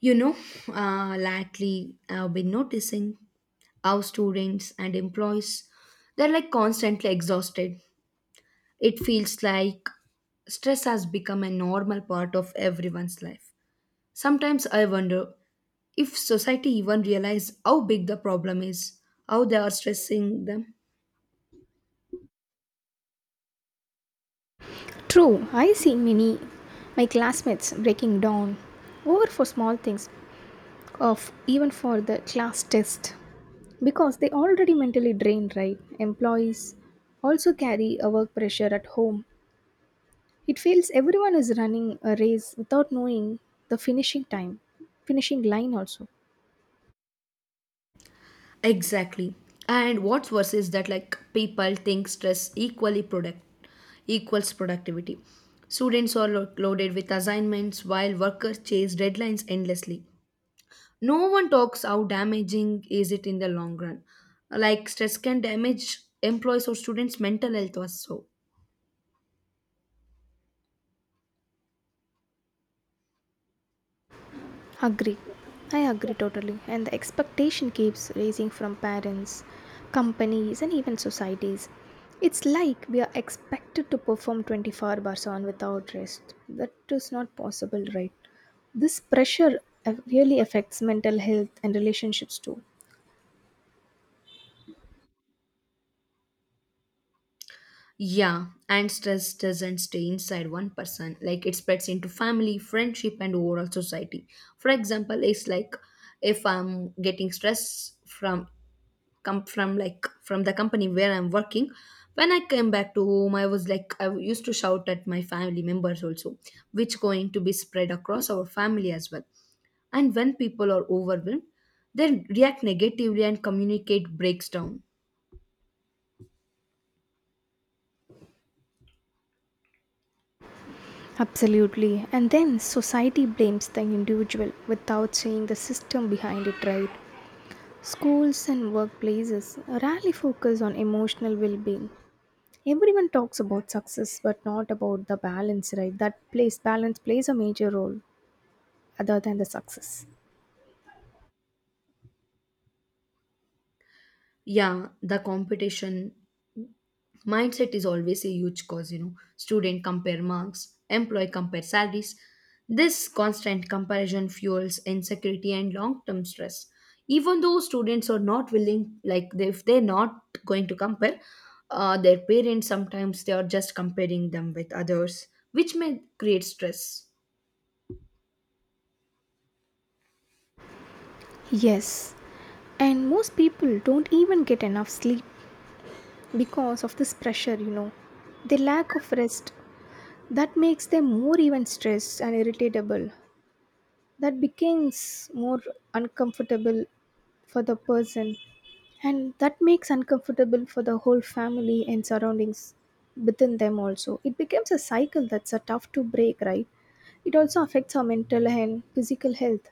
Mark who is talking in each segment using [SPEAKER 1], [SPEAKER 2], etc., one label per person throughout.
[SPEAKER 1] You know, Lately I've been noticing how students and employees they're constantly exhausted. It feels like stress has become a normal part of everyone's life. Sometimes I wonder if society even realize how big the problem is, how they are stressing them.
[SPEAKER 2] True, I see many my classmates breaking down over for small things, of even for the class test, because they already mentally drained. Right, employees also carry a work pressure at home. It feels everyone is running a race without knowing the finishing time, finishing line also.
[SPEAKER 1] Exactly. And what's worse is that people think stress equally productive equals productivity. Students are loaded with assignments while workers chase deadlines endlessly. No one talks how damaging is it in the long run. Like stress can damage employees or students' mental health also.
[SPEAKER 2] Agree. I agree totally. And the expectation keeps raising from parents, companies, and even societies. It's like we are expected to perform 24 hours on without rest. That is not possible, right? This pressure really affects mental health and relationships too.
[SPEAKER 1] Yeah, and stress doesn't stay inside one person. Like it spreads into family, friendship, and overall society. For example, it's like if I'm getting stress from come from like from the company where I'm working when I came back to home I was like I used to shout at my family members also, which going to be spread across our family as well. And when people are overwhelmed they react negatively and communicate breaks down.
[SPEAKER 2] Absolutely. And then society blames the individual without seeing the system behind it, right? Schools and workplaces rarely focus on emotional well being. Everyone talks about success, but not about the balance, right? That plays balance plays a major role other than the success.
[SPEAKER 1] Yeah, the competition mindset is always a huge cause, you know, student compare marks, employee compare salaries. This constant comparison fuels insecurity and long-term stress, even though students are not willing like if they're not going to compare, their parents sometimes they are just comparing them with others, which may create stress.
[SPEAKER 2] Yes, and most people don't even get enough sleep because of this pressure, you know. The lack of rest that makes them more even stressed and irritable, that becomes more uncomfortable for the person, and that makes uncomfortable for the whole family and surroundings within them also. It becomes a cycle that's a tough to break, right? It also affects our mental and physical health.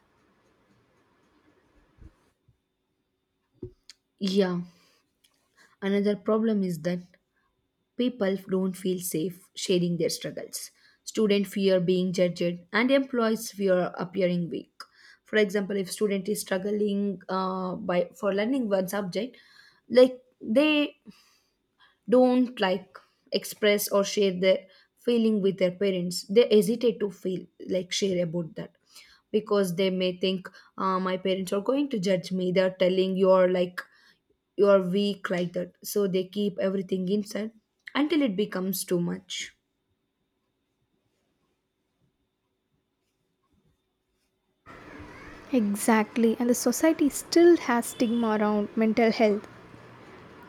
[SPEAKER 1] Yeah, another problem is that people don't feel safe sharing their struggles. Students fear being judged, and employees fear appearing weak. For example, if student is struggling by for learning one subject, like they don't like express or share their feeling with their parents, they hesitate to feel like share about that because they may think, my parents are going to judge me, they're telling you're like you're weak like that, so they keep everything inside until it becomes too much.
[SPEAKER 2] Exactly, and the society still has stigma around mental health.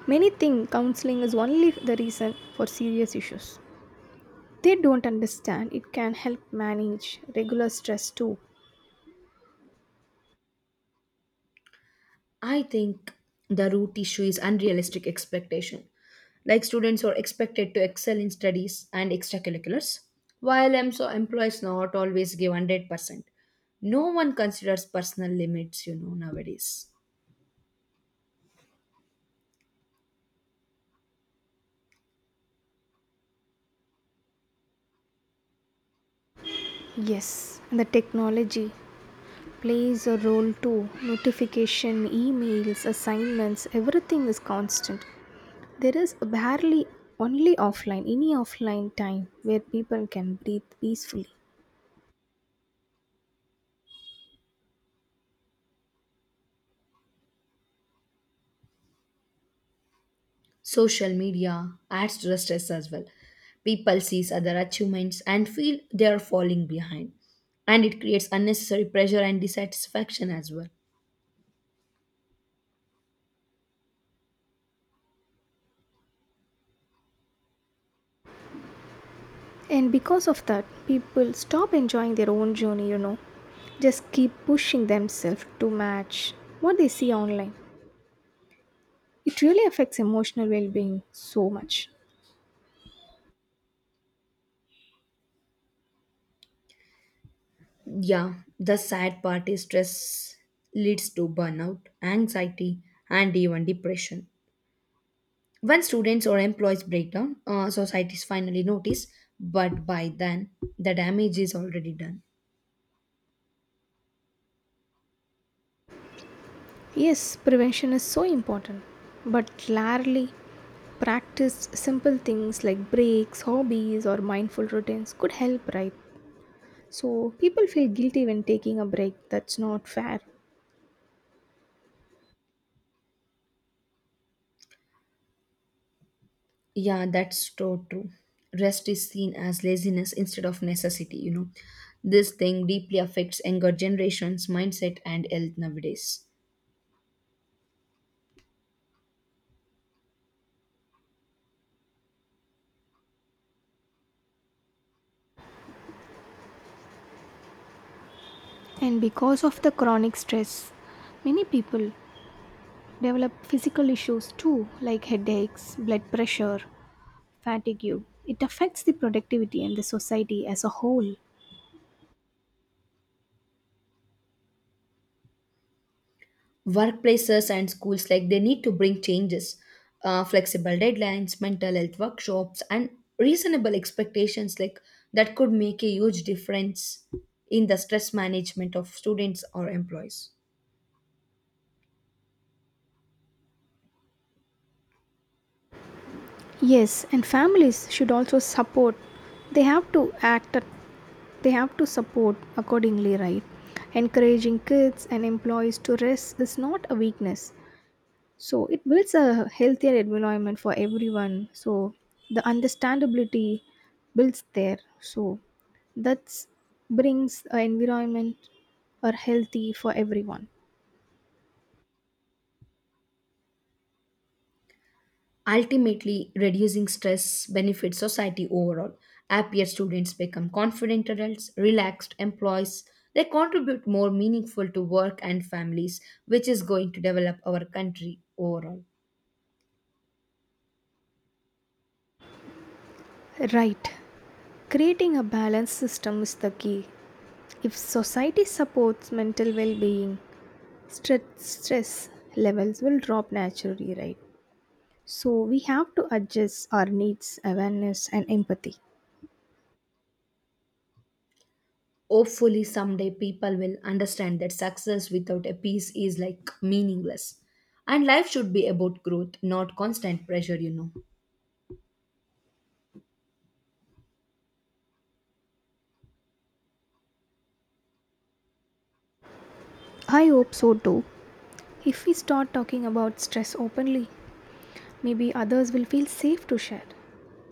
[SPEAKER 2] Many think counseling is only the reason for serious issues. They don't understand it can help manage regular stress too.
[SPEAKER 1] I think the root issue is unrealistic expectation. Like students are expected to excel in studies and extracurriculars, while so employees not always give 100%. No one considers personal limits, you know, nowadays.
[SPEAKER 2] Yes, and the technology plays a role too. Notification, emails, assignments, everything is constant. There is barely only offline, any offline time where people can breathe peacefully.
[SPEAKER 1] Social media adds to the stress as well. People sees other achievements and feel they are falling behind. And it creates unnecessary pressure and dissatisfaction as well.
[SPEAKER 2] And because of that, people stop enjoying their own journey, you know. Just keep pushing themselves to match what they see online. It really affects emotional well being so much.
[SPEAKER 1] Yeah, the sad part is stress leads to burnout, anxiety, and even depression. When students or employees break down, societies finally notice, but by then, the damage is already done.
[SPEAKER 2] Yes, prevention is so important, but rarely practiced simple things like breaks, hobbies, or mindful routines could help, right? So people feel guilty when taking a break. That's not fair.
[SPEAKER 1] Yeah, that's so true. Rest is seen as laziness instead of necessity, you know. This thing deeply affects younger generations' mindset and health nowadays.
[SPEAKER 2] And because of the chronic stress, many people develop physical issues too, like headaches, blood pressure, fatigue. It affects the productivity and the society as a whole.
[SPEAKER 1] Workplaces and schools like they need to bring changes, flexible deadlines, mental health workshops, and reasonable expectations, like that could make a huge difference in the stress management of students or employees.
[SPEAKER 2] Yes, and families should also support. They have to act, they have to support accordingly, right? Encouraging kids and employees to rest is not a weakness. So it builds a healthier environment for everyone. So the understandability builds there. So that brings an environment or healthy for everyone.
[SPEAKER 1] Ultimately, reducing stress benefits society overall. Happier students become confident adults, relaxed employees, they contribute more meaningful to work and families, which is going to develop our country overall.
[SPEAKER 2] Right. Creating a balanced system is the key. If society supports mental well being, stress levels will drop naturally, right? So we have to adjust our needs, awareness, and empathy.
[SPEAKER 1] Hopefully, someday people will understand that success without a peace is like meaningless. And life should be about growth, not constant pressure, you know.
[SPEAKER 2] I hope so too. If we start talking about stress openly, maybe others will feel safe to share.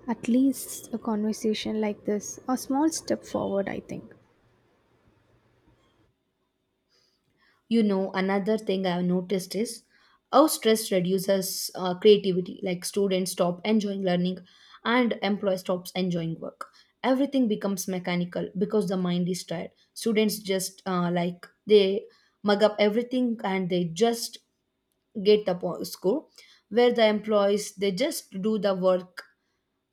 [SPEAKER 2] At least a conversation like this, a small step forward, I think.
[SPEAKER 1] Another thing I've noticed is how stress reduces creativity, like students stop enjoying learning and employee stops enjoying work. Everything becomes mechanical because the mind is tired. Students just like they mug up everything, and they just get the score, where the employees they just do the work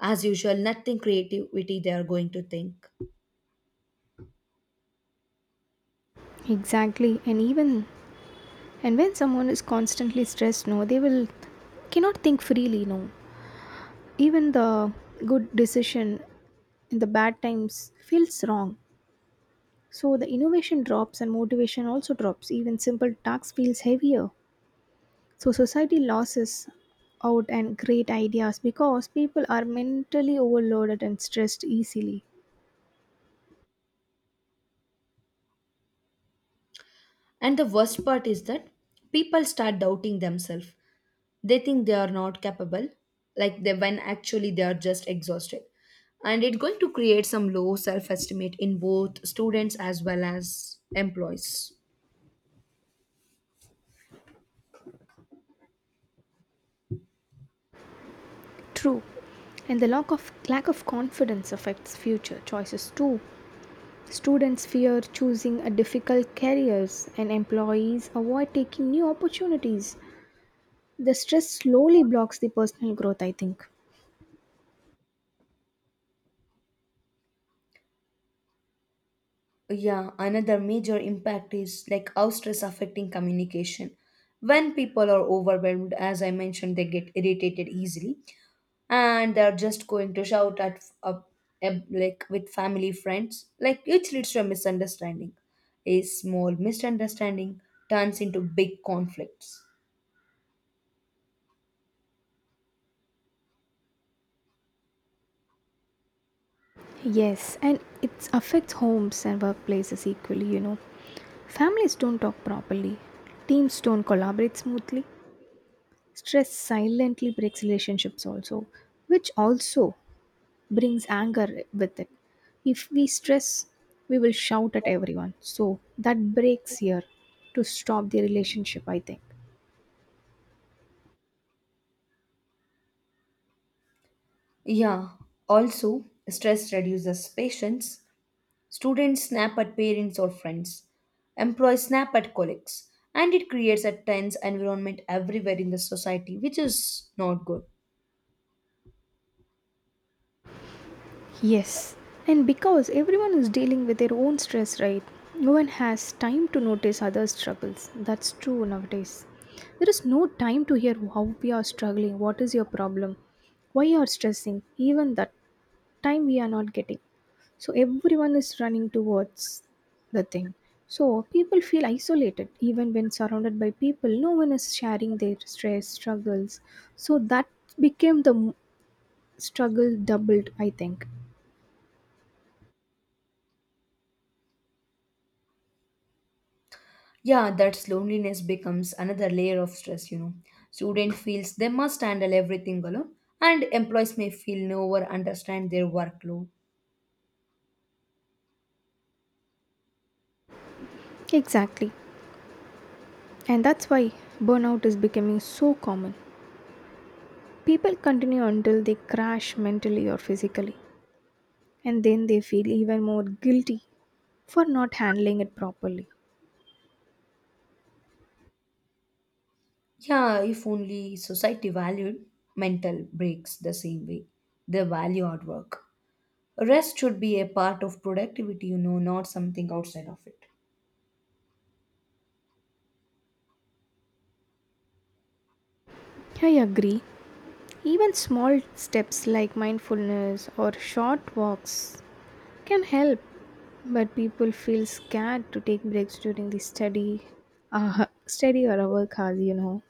[SPEAKER 1] as usual, nothing creativity they are going to think.
[SPEAKER 2] Exactly, and even, and when someone is constantly stressed, no, they will cannot think freely, no. Even the good decision in the bad times feels wrong. So the innovation drops and motivation also drops. Even simple tasks feels heavier. So society loses out and great ideas, because people are mentally overloaded and stressed easily.
[SPEAKER 1] And the worst part is that people start doubting themselves, they think they are not capable, like they when actually they are just exhausted. And it's going to create some low self-estimate in both students as well as employees.
[SPEAKER 2] True. And the lack of confidence affects future choices too. Students fear choosing a difficult careers and employees avoid taking new opportunities. The stress slowly blocks the personal growth, I think.
[SPEAKER 1] Yeah, another major impact is like how stress affecting communication. When people are overwhelmed, as I mentioned, they get irritated easily and they're just going to shout at like with family friends, like which leads to a misunderstanding. A small misunderstanding turns into big conflicts.
[SPEAKER 2] Yes, and it affects homes and workplaces equally, you know. Families don't talk properly. Teams don't collaborate smoothly. Stress silently breaks relationships also, which also brings anger with it. If we stress, we will shout at everyone. So that breaks here to stop the relationship, I think.
[SPEAKER 1] Yeah, also stress reduces patience. Students snap at parents or friends. Employees snap at colleagues. And it creates a tense environment everywhere in the society, which is not good.
[SPEAKER 2] Yes, and because everyone is dealing with their own stress, right? No one has time to notice others' struggles. That's true nowadays. There is no time to hear how we are struggling, what is your problem, why you are stressing, even that time we are not getting. So everyone is running towards the thing. So people feel isolated even when surrounded by people. No one is sharing their stress, struggles. So that became the struggle doubled, I think.
[SPEAKER 1] Yeah, that's loneliness becomes another layer of stress, you know. Student feels they must handle everything alone, and employees may feel no one understand their workload.
[SPEAKER 2] Exactly. And that's why burnout is becoming so common. People continue until they crash mentally or physically, and then they feel even more guilty for not handling it properly.
[SPEAKER 1] Yeah, if only society valued mental breaks the same way. They value hard work. Rest should be a part of productivity, you know, not something outside of it.
[SPEAKER 2] I agree. Even small steps like mindfulness or short walks can help, but people feel scared to take breaks during the study or work hours.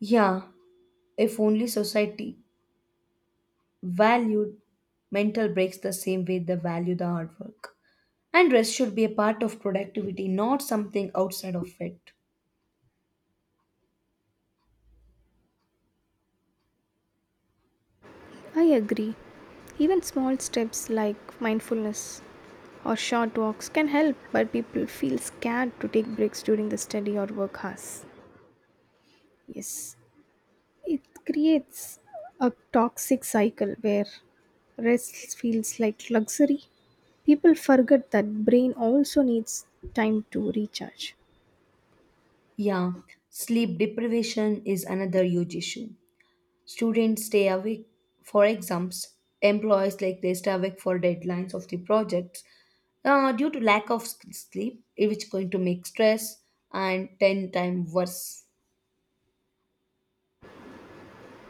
[SPEAKER 1] Yeah, if only society valued mental breaks the same way they value the hard work. And rest should be a part of productivity, not something outside of it.
[SPEAKER 2] I agree. Even small steps like mindfulness or short walks can help, but people feel scared to take breaks during the study or work hours. Yes, it creates a toxic cycle where rest feels like luxury. People forget that brain also needs time to recharge.
[SPEAKER 1] Yeah, sleep deprivation is another huge issue. Students stay awake for exams, employees like they stay awake for deadlines of the projects, due to lack of sleep, eh, which is going to make stress and 10 times worse.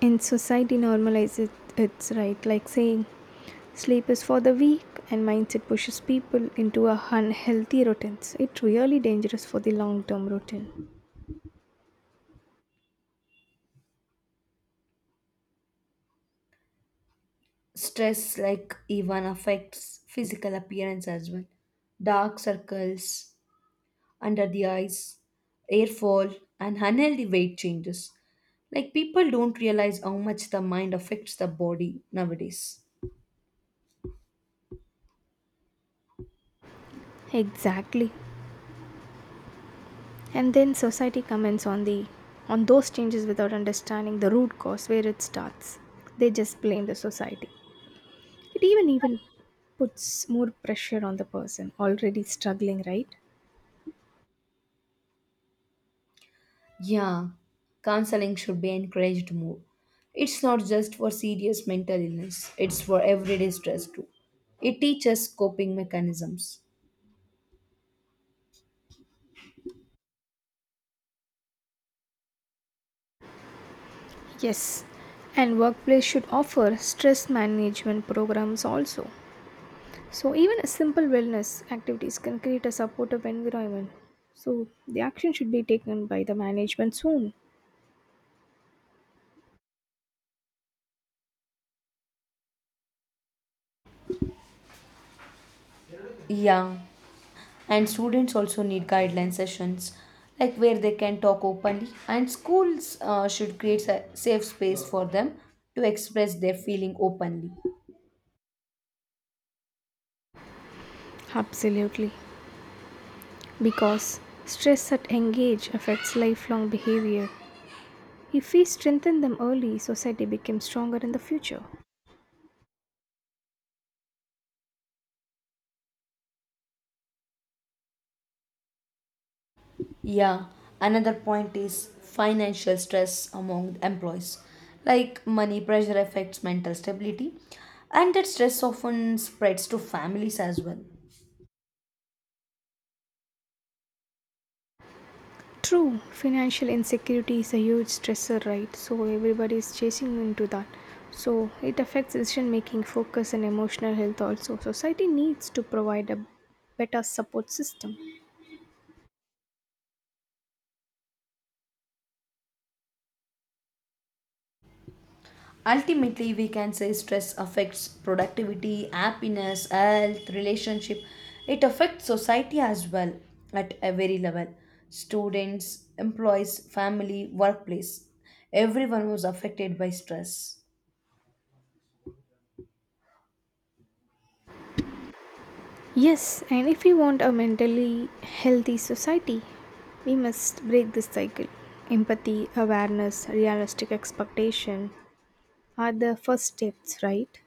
[SPEAKER 2] And society normalizes its right, like saying sleep is for the weak, and mindset pushes people into a unhealthy routines. It's really dangerous for the long term routine.
[SPEAKER 1] Stress like even affects physical appearance as well, dark circles under the eyes, hair fall, and unhealthy weight changes, like people don't realize how much the mind affects the body nowadays.
[SPEAKER 2] Exactly. And then society comments on those changes without understanding the root cause where it starts. They just blame the society. It even puts more pressure on the person already struggling, right?
[SPEAKER 1] Yeah, counseling should be encouraged more. It's not just for serious mental illness, it's for everyday stress too. It teaches coping mechanisms.
[SPEAKER 2] Yes, and workplace should offer stress management programs also. So even a simple wellness activities can create a supportive environment. So the action should be taken by the management soon.
[SPEAKER 1] Yeah, and students also need guideline sessions like where they can talk openly, and schools should create a safe space for them to express their feeling openly.
[SPEAKER 2] Absolutely, because stress at young age affects lifelong behavior. If we strengthen them early, society becomes stronger in the future.
[SPEAKER 1] Yeah, another point is financial stress among employees, like money pressure affects mental stability, and that stress often spreads to families as well.
[SPEAKER 2] True, financial insecurity is a huge stressor, right? So everybody is chasing into that. So it affects decision making, focus, and emotional health also. Society needs to provide a better support system.
[SPEAKER 1] Ultimately, we can say stress affects productivity, happiness, health, relationship. It affects society as well, at every level, students, employees, family, workplace, everyone was affected by stress.
[SPEAKER 2] Yes, and if we want a mentally healthy society, we must break this cycle. Empathy, awareness, realistic expectation, are the first steps, right?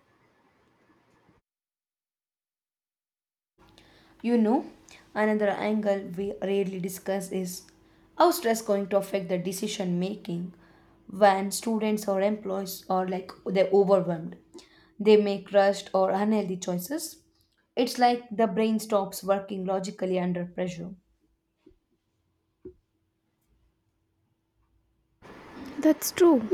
[SPEAKER 1] You know, Another angle we rarely discuss is how stress going to affect the decision making when students or employees are they're overwhelmed. They make rushed or unhealthy choices. It's like the brain stops working logically under pressure.
[SPEAKER 2] That's true.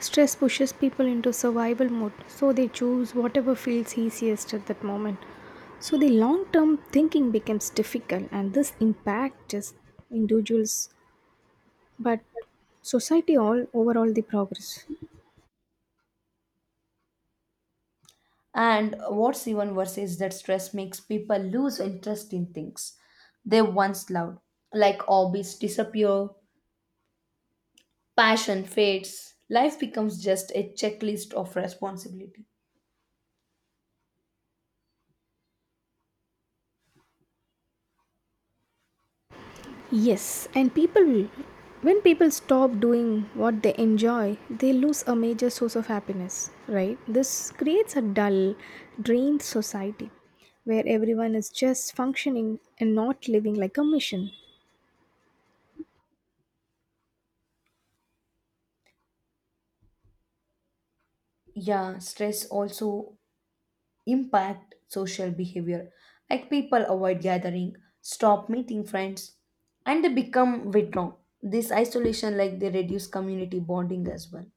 [SPEAKER 2] Stress pushes people into survival mode, so they choose whatever feels easiest at that moment. So the long term thinking becomes difficult, and this impact just individuals, but society all overall the progress.
[SPEAKER 1] And what's even worse is that stress makes people lose interest in things they once loved, like hobbies disappear, passion fades, life becomes just a checklist of responsibility.
[SPEAKER 2] Yes, and people, when people stop doing what they enjoy, they lose a major source of happiness, right? This creates a dull, drained society where everyone is just functioning and not living like a mission.
[SPEAKER 1] Yeah, stress also impact social behavior. Like people avoid gathering, stop meeting friends, and they become withdrawn. This isolation like they reduce community bonding as well.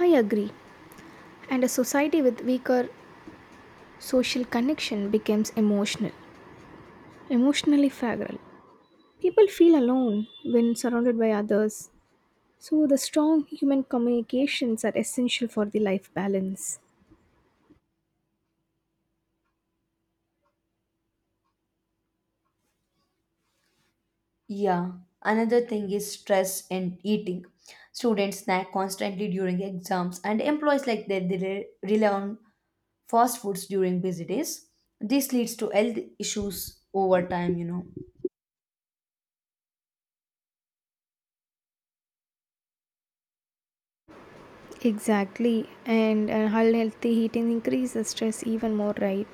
[SPEAKER 2] I agree. And a society with weaker social connection becomes emotional, emotionally fragile. People feel alone when surrounded by others. So, the strong human communications are essential for the life balance.
[SPEAKER 1] Yeah. Another thing is stress and eating. Students snack constantly during exams and employees like that they rely on fast foods during busy days. This leads to health issues over time, you know.
[SPEAKER 2] Exactly, and unhealthy eating increases stress even more, right?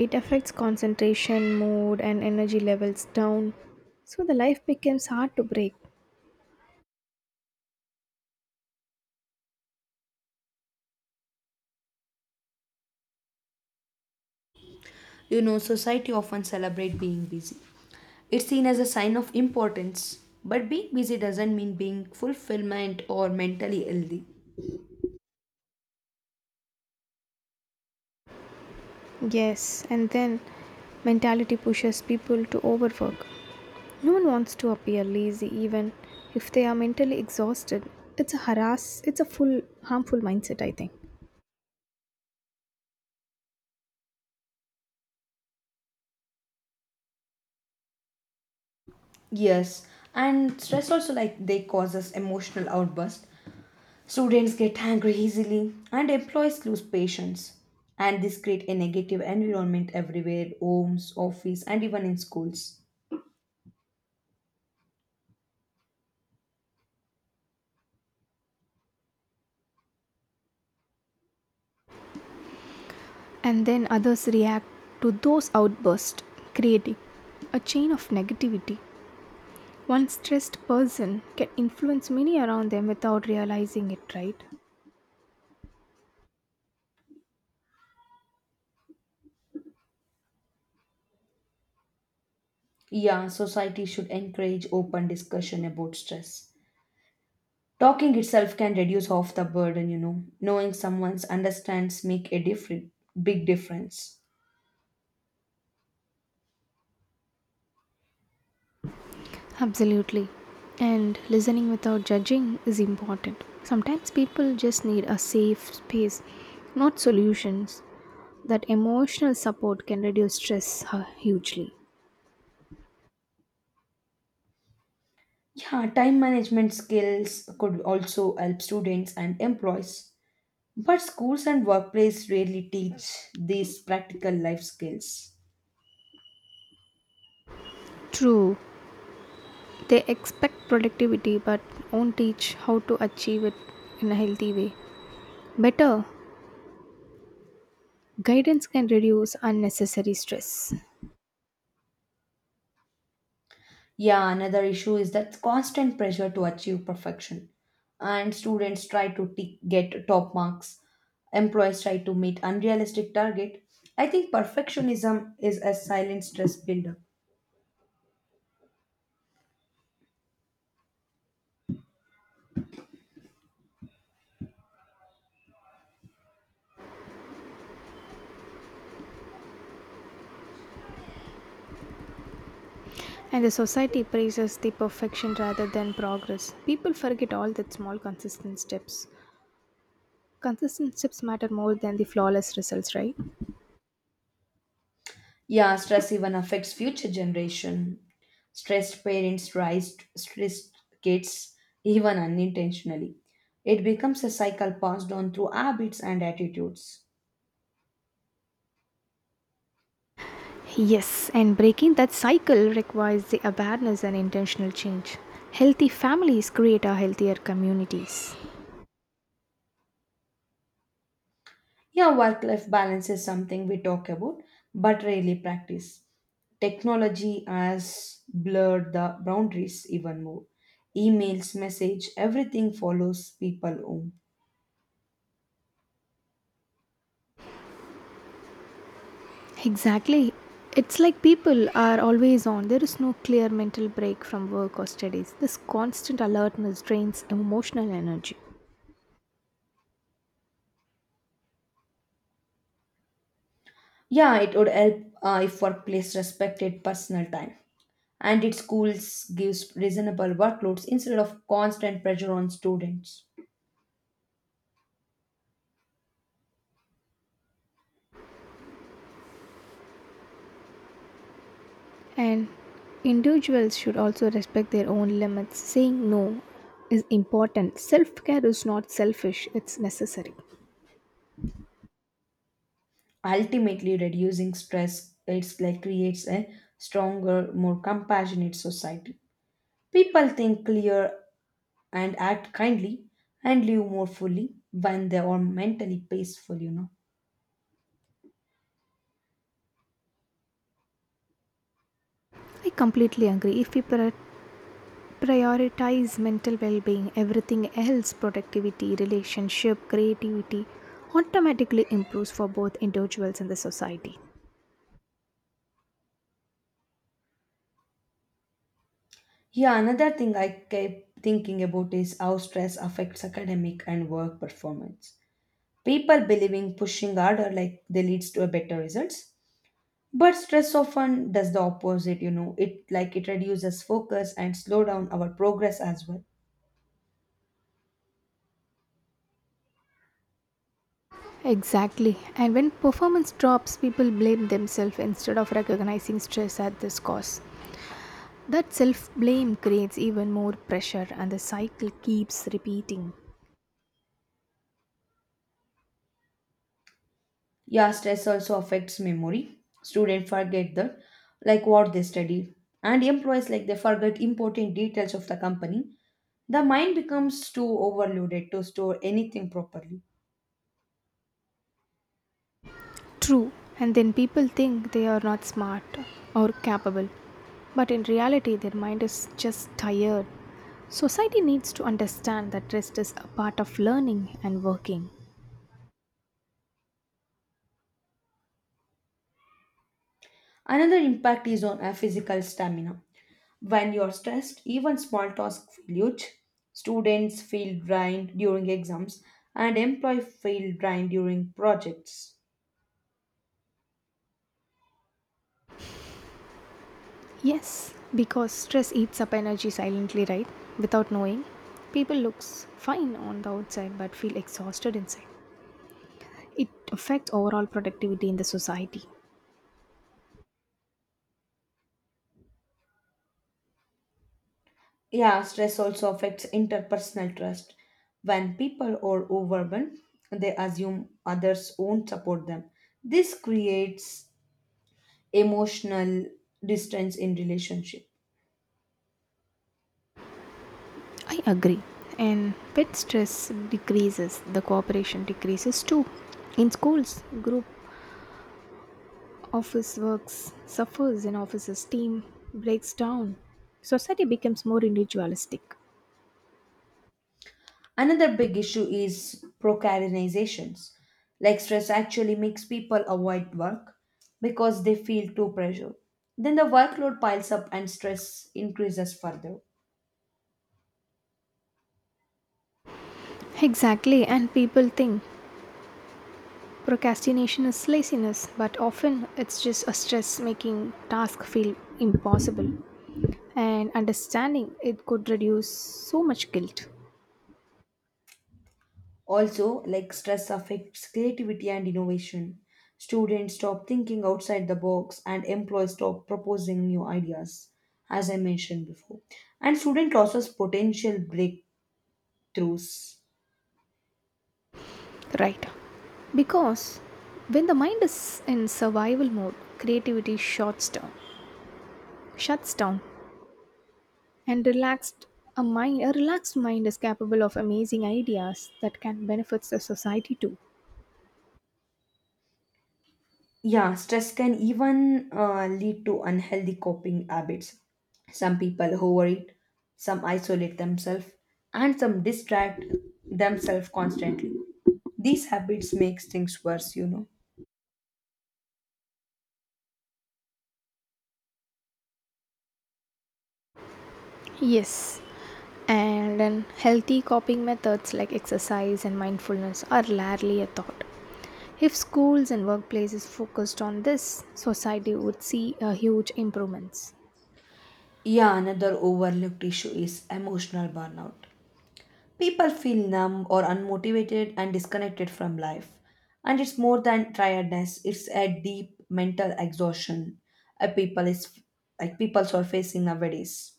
[SPEAKER 2] It affects concentration, mood, and energy levels down. So the life becomes hard to break.
[SPEAKER 1] Society often celebrate being busy. It's seen as a sign of importance, but being busy doesn't mean being fulfillment or mentally healthy.
[SPEAKER 2] Yes, and then mentality pushes people to overwork. No one wants to appear lazy, even if they are mentally exhausted. It's a harass. It's a full harmful mindset, I think.
[SPEAKER 1] Yes, and stress also like they cause us emotional outburst. Students get angry easily, and employees lose patience, and this create a negative environment everywhere, homes, office, and even in schools.
[SPEAKER 2] And then others react to those outbursts, creating a chain of negativity. One stressed person can influence many around them without realizing it, right?
[SPEAKER 1] Yeah, society should encourage open discussion about stress. Talking itself can reduce off the burden, you know. Knowing someone's understands make a different big difference.
[SPEAKER 2] Absolutely. And listening without judging is important. Sometimes people just need a safe space, not solutions. That emotional support can reduce stress hugely.
[SPEAKER 1] Yeah, time management skills could also help students and employees. But schools and workplace rarely teach these practical life skills.
[SPEAKER 2] True, they expect productivity but won't teach how to achieve it in a healthy way. Better, guidance can reduce unnecessary stress.
[SPEAKER 1] Yeah, another issue is that constant pressure to achieve perfection. And students try to get top marks, employees try to meet unrealistic target. I think perfectionism is a silent stress builder.
[SPEAKER 2] And the society praises the perfection rather than progress. People forget all that small consistent steps. Consistent steps matter more than the flawless results, right?
[SPEAKER 1] Yeah, stress even affects future generation. Stressed parents raise stressed kids even unintentionally. It becomes a cycle passed on through habits and attitudes.
[SPEAKER 2] Yes, and breaking that cycle requires the awareness and intentional change. Healthy families create a healthier communities.
[SPEAKER 1] Yeah, work life balance is something we talk about but rarely practice. Technology has blurred the boundaries even more. Emails, message, everything follows people home.
[SPEAKER 2] Exactly. It's like people are always on. There is no clear mental break from work or studies. This constant alertness drains emotional energy.
[SPEAKER 1] Yeah, it would help if workplace respected personal time, and its schools gives reasonable workloads instead of constant pressure on students.
[SPEAKER 2] And individuals should also respect their own limits. Saying no is important. Self care is not selfish, it's necessary.
[SPEAKER 1] Ultimately, reducing stress it's like creates a stronger, more compassionate society. People think clear and act kindly and live more fully when they are mentally peaceful, you know.
[SPEAKER 2] I completely agree. If we prioritize mental well being, everything else, productivity, relationship, creativity, automatically improves for both individuals and the society.
[SPEAKER 1] Yeah, another thing I kept thinking about is how stress affects academic and work performance. People believing pushing harder like they leads to a better results. But stress often does the opposite, you know. It like it reduces focus and slow down our progress as well.
[SPEAKER 2] Exactly. And when performance drops, people blame themselves instead of recognizing stress at this cause. That self blame creates even more pressure, and the cycle keeps repeating.
[SPEAKER 1] Yeah, stress also affects memory. Students forget the like what they study, and employees like they forget important details of the company. The mind becomes too overloaded to store anything properly.
[SPEAKER 2] True, and then people think they are not smart or capable, but in reality, their mind is just tired. Society needs to understand that rest is a part of learning and working.
[SPEAKER 1] Another impact is on our physical stamina. When you're stressed, even small tasks feel huge. Students feel drained during exams, and employees feel drained during projects.
[SPEAKER 2] Yes, because stress eats up energy silently, right? Without knowing, people looks fine on the outside but feel exhausted inside. It affects overall productivity in the society.
[SPEAKER 1] Yeah, stress also affects interpersonal trust. When people are overwhelmed, they assume others won't support them. This creates emotional distance in relationship.
[SPEAKER 2] I agree. And pet stress decreases, the cooperation decreases too. In schools, group office works suffers and offices team breaks down. Society becomes more individualistic.
[SPEAKER 1] Another big issue is procrastinations. Like stress actually makes people avoid work because they feel too pressured. Then the workload piles up and stress increases further.
[SPEAKER 2] Exactly, and people think procrastination is laziness, but often it's just a stress making task feel impossible. And understanding it could reduce so much guilt.
[SPEAKER 1] Also, like stress affects creativity and innovation. Students stop thinking outside the box, and employees stop proposing new ideas, as I mentioned before. And student losses potential breakthroughs.
[SPEAKER 2] Right. Because when the mind is in survival mode, creativity shuts down, and relaxed a mind a relaxed mind is capable of amazing ideas that can benefit the society too.
[SPEAKER 1] Yeah, stress can even lead to unhealthy coping habits. Some people overeat, some isolate themselves, and some distract themselves constantly. These habits makes things worse, you know.
[SPEAKER 2] Yes. And then healthy coping methods like exercise and mindfulness are rarely a thought. If schools and workplaces focused on this, society would see a huge improvements.
[SPEAKER 1] Yeah, another overlooked issue is emotional burnout. People feel numb or unmotivated and disconnected from life. And it's more than tiredness, it's a deep mental exhaustion a people is like people are facing nowadays.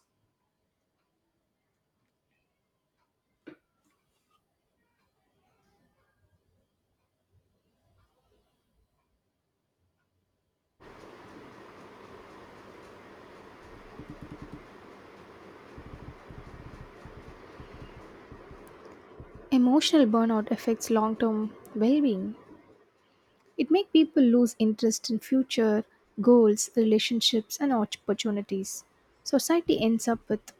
[SPEAKER 2] Emotional burnout affects long-term well-being. It makes people lose interest in future goals, relationships and opportunities. Society ends up with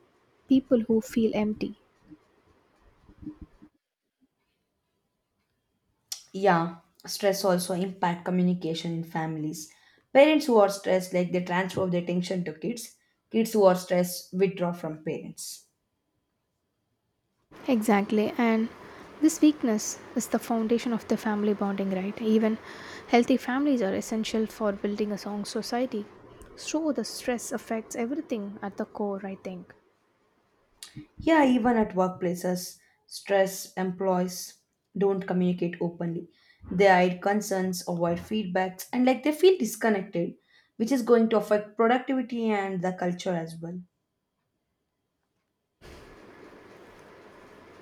[SPEAKER 2] people who feel empty.
[SPEAKER 1] Yeah, stress also impact communication in families. Parents who are stressed, like they transfer their attention to kids. Kids who are stressed withdraw from parents.
[SPEAKER 2] Exactly, and this weakness is the foundation of the family bonding, right? Even healthy families are essential for building a strong society. So the stress affects everything at the core, I think.
[SPEAKER 1] Yeah, even at workplaces, stress employees don't communicate openly. They hide concerns, avoid feedbacks, and like they feel disconnected, which is going to affect productivity and the culture as well.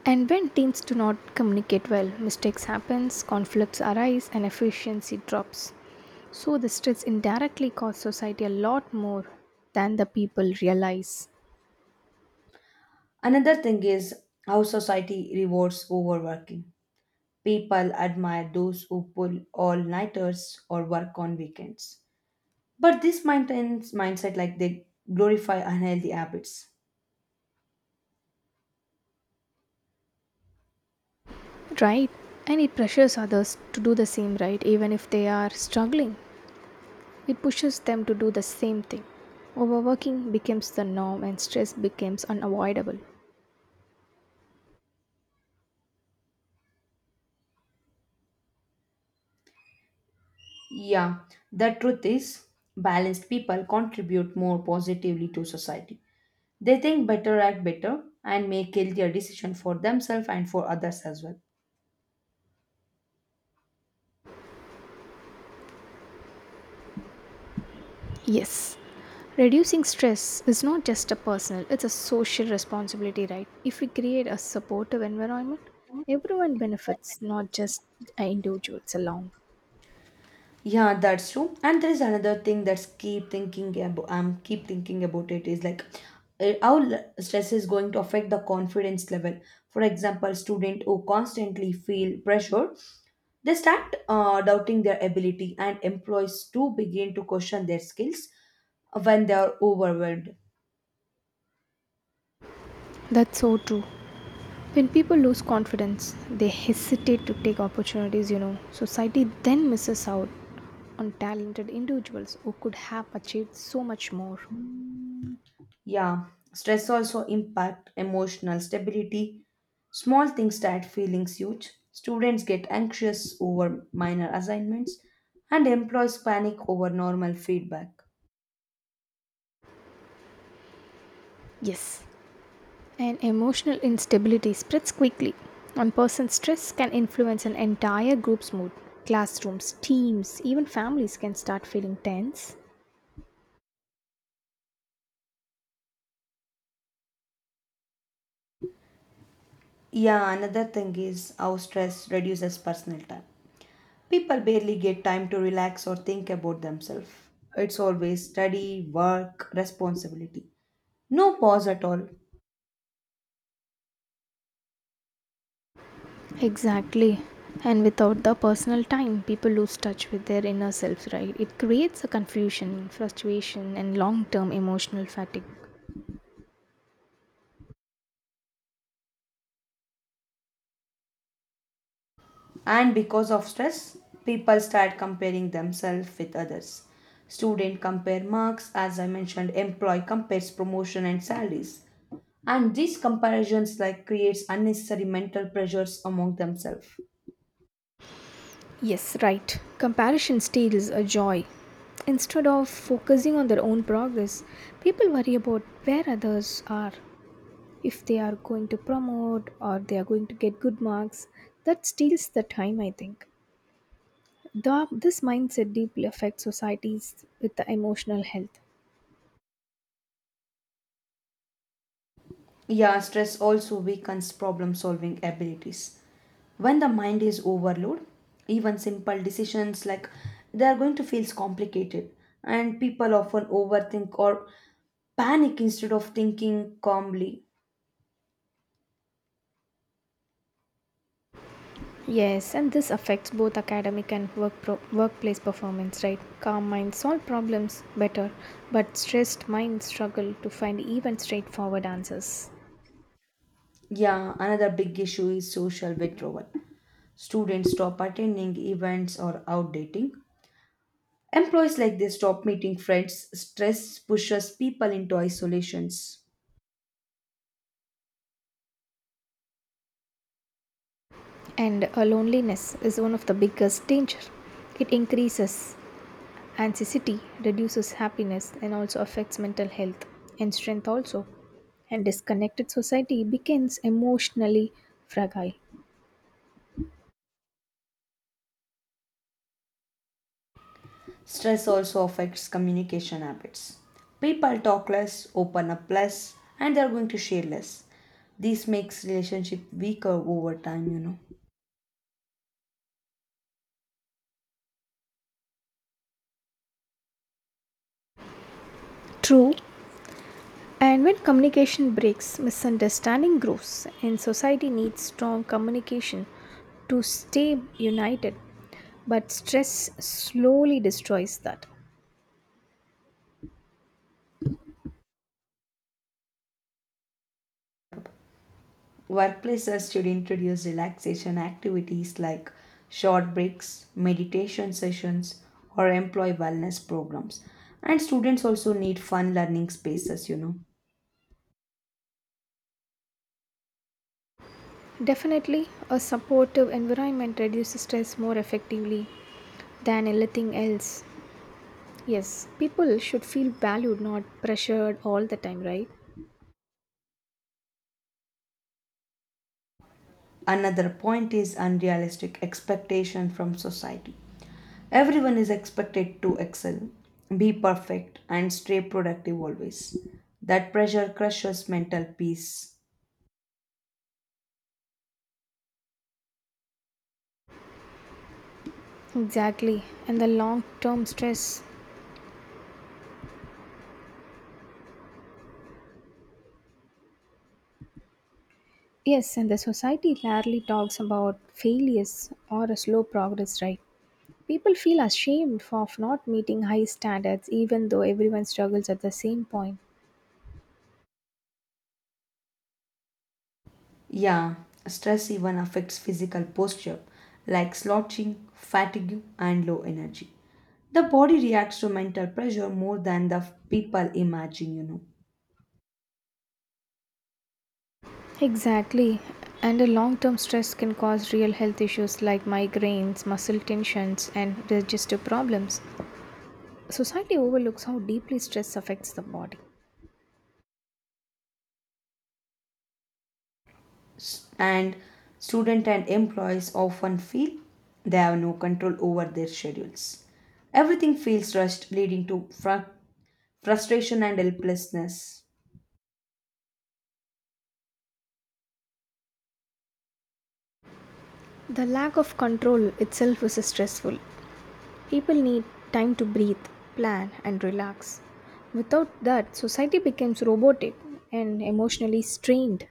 [SPEAKER 2] And when teams do not communicate well, mistakes happens, conflicts arise and efficiency drops. So the stress indirectly costs society a lot more than the people realize.
[SPEAKER 1] Another thing is how society rewards overworking. People admire those who pull all nighters or work on weekends. But this maintains mindset like they glorify unhealthy habits.
[SPEAKER 2] Right? And it pressures others to do the same, right, even if they are struggling. It pushes them to do the same thing. Overworking becomes the norm and stress becomes unavoidable.
[SPEAKER 1] Yeah, the truth is, balanced people contribute more positively to society. They think better, act better, and make healthier decisions for themselves and for others as well.
[SPEAKER 2] Yes. Reducing stress is not just a personal, it's a social responsibility, right? If we create a supportive environment, everyone benefits, not just individuals alone.
[SPEAKER 1] Yeah, that's true. And there is another thing that's keep thinking about. I'm keep thinking about it is like how stress is going to affect the confidence level. For example, student who constantly feel pressure, they start doubting their ability, and employees too begin to question their skills when they are overwhelmed.
[SPEAKER 2] That's so true. When people lose confidence, they hesitate to take opportunities, you know. Society then misses out on talented individuals who could have achieved so much more.
[SPEAKER 1] Yeah, stress also impact emotional stability. Small things start feelings huge. Students get anxious over minor assignments, and employees panic over normal feedback.
[SPEAKER 2] Yes, and emotional instability spreads quickly. One person's stress can influence an entire group's mood. Classrooms, teams, even families can start feeling tense.
[SPEAKER 1] Yeah, another thing is how stress reduces personal time. People barely get time to relax or think about themselves. It's always study, work, responsibility. No pause at all.
[SPEAKER 2] Exactly. And without the personal time, people lose touch with their inner self, right? It creates a confusion, frustration, and long term emotional fatigue.
[SPEAKER 1] And because of stress people start comparing themselves with others, student compare marks as I mentioned, employee compares promotion and salaries, and these comparisons like creates unnecessary mental pressures among themselves.
[SPEAKER 2] Yes, right. Comparison steals a joy. Instead of focusing on their own progress, people worry about where others are, if they are going to promote or they are going to get good marks, that steals the time, I think. The, this mindset deeply affects societies with the emotional health.
[SPEAKER 1] Yeah, stress also weakens problem solving abilities. When the mind is overloaded, even simple decisions like they are going to feel complicated, and people often overthink or panic instead of thinking calmly.
[SPEAKER 2] Yes, and this affects both academic and work workplace performance, right? Calm minds solve problems better, but stressed minds struggle to find even straightforward answers.
[SPEAKER 1] Yeah, another big issue is social withdrawal. Students stop attending events or outdating. Employees like they stop meeting friends. Stress pushes people into isolations.
[SPEAKER 2] And loneliness is one of the biggest danger. It increases anxiety, reduces happiness and also affects mental health and strength also. And disconnected society becomes emotionally fragile.
[SPEAKER 1] Stress also affects communication habits. People talk less, open up less, and they're going to share less. This makes relationship weaker over time, you know.
[SPEAKER 2] True. And when communication breaks, misunderstanding grows, and society needs strong communication to stay united. But stress slowly destroys that.
[SPEAKER 1] Workplaces should introduce relaxation activities like short breaks, meditation sessions, or employee wellness programs. And students also need fun learning spaces, you know.
[SPEAKER 2] Definitely, a supportive environment reduces stress more effectively than anything else. Yes, people should feel valued, not pressured all the time, right?
[SPEAKER 1] Another point is unrealistic expectation from society. Everyone is expected to excel, be perfect, and stay productive always. That pressure crushes mental peace.
[SPEAKER 2] Exactly. And the long term stress. Yes, and the society rarely talks about failures or a slow progress, right? People feel ashamed of not meeting high standards even though everyone struggles at the same point.
[SPEAKER 1] Yeah, stress even affects physical posture like slouching, fatigue, and low energy. The body reacts to mental pressure more than the people imagine, you know.
[SPEAKER 2] Exactly. And a long term stress can cause real health issues like migraines, muscle tensions, and digestive problems. Society overlooks how deeply stress affects the body.
[SPEAKER 1] And student and employees often feel they have no control over their schedules. Everything feels rushed, leading to frustration and helplessness.
[SPEAKER 2] The lack of control itself is stressful. People need time to breathe, plan, and relax. Without that, society becomes robotic and emotionally strained.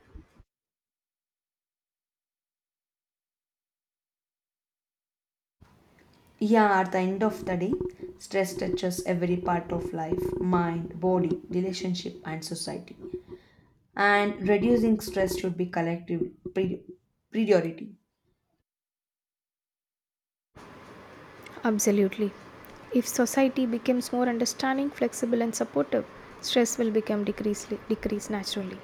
[SPEAKER 1] Yeah, at the end of the day, stress touches every part of life, mind, body, relationship, and society. And reducing stress should be collective pri- priority.
[SPEAKER 2] Absolutely. If society becomes more understanding, flexible, and supportive, stress will become decrease naturally.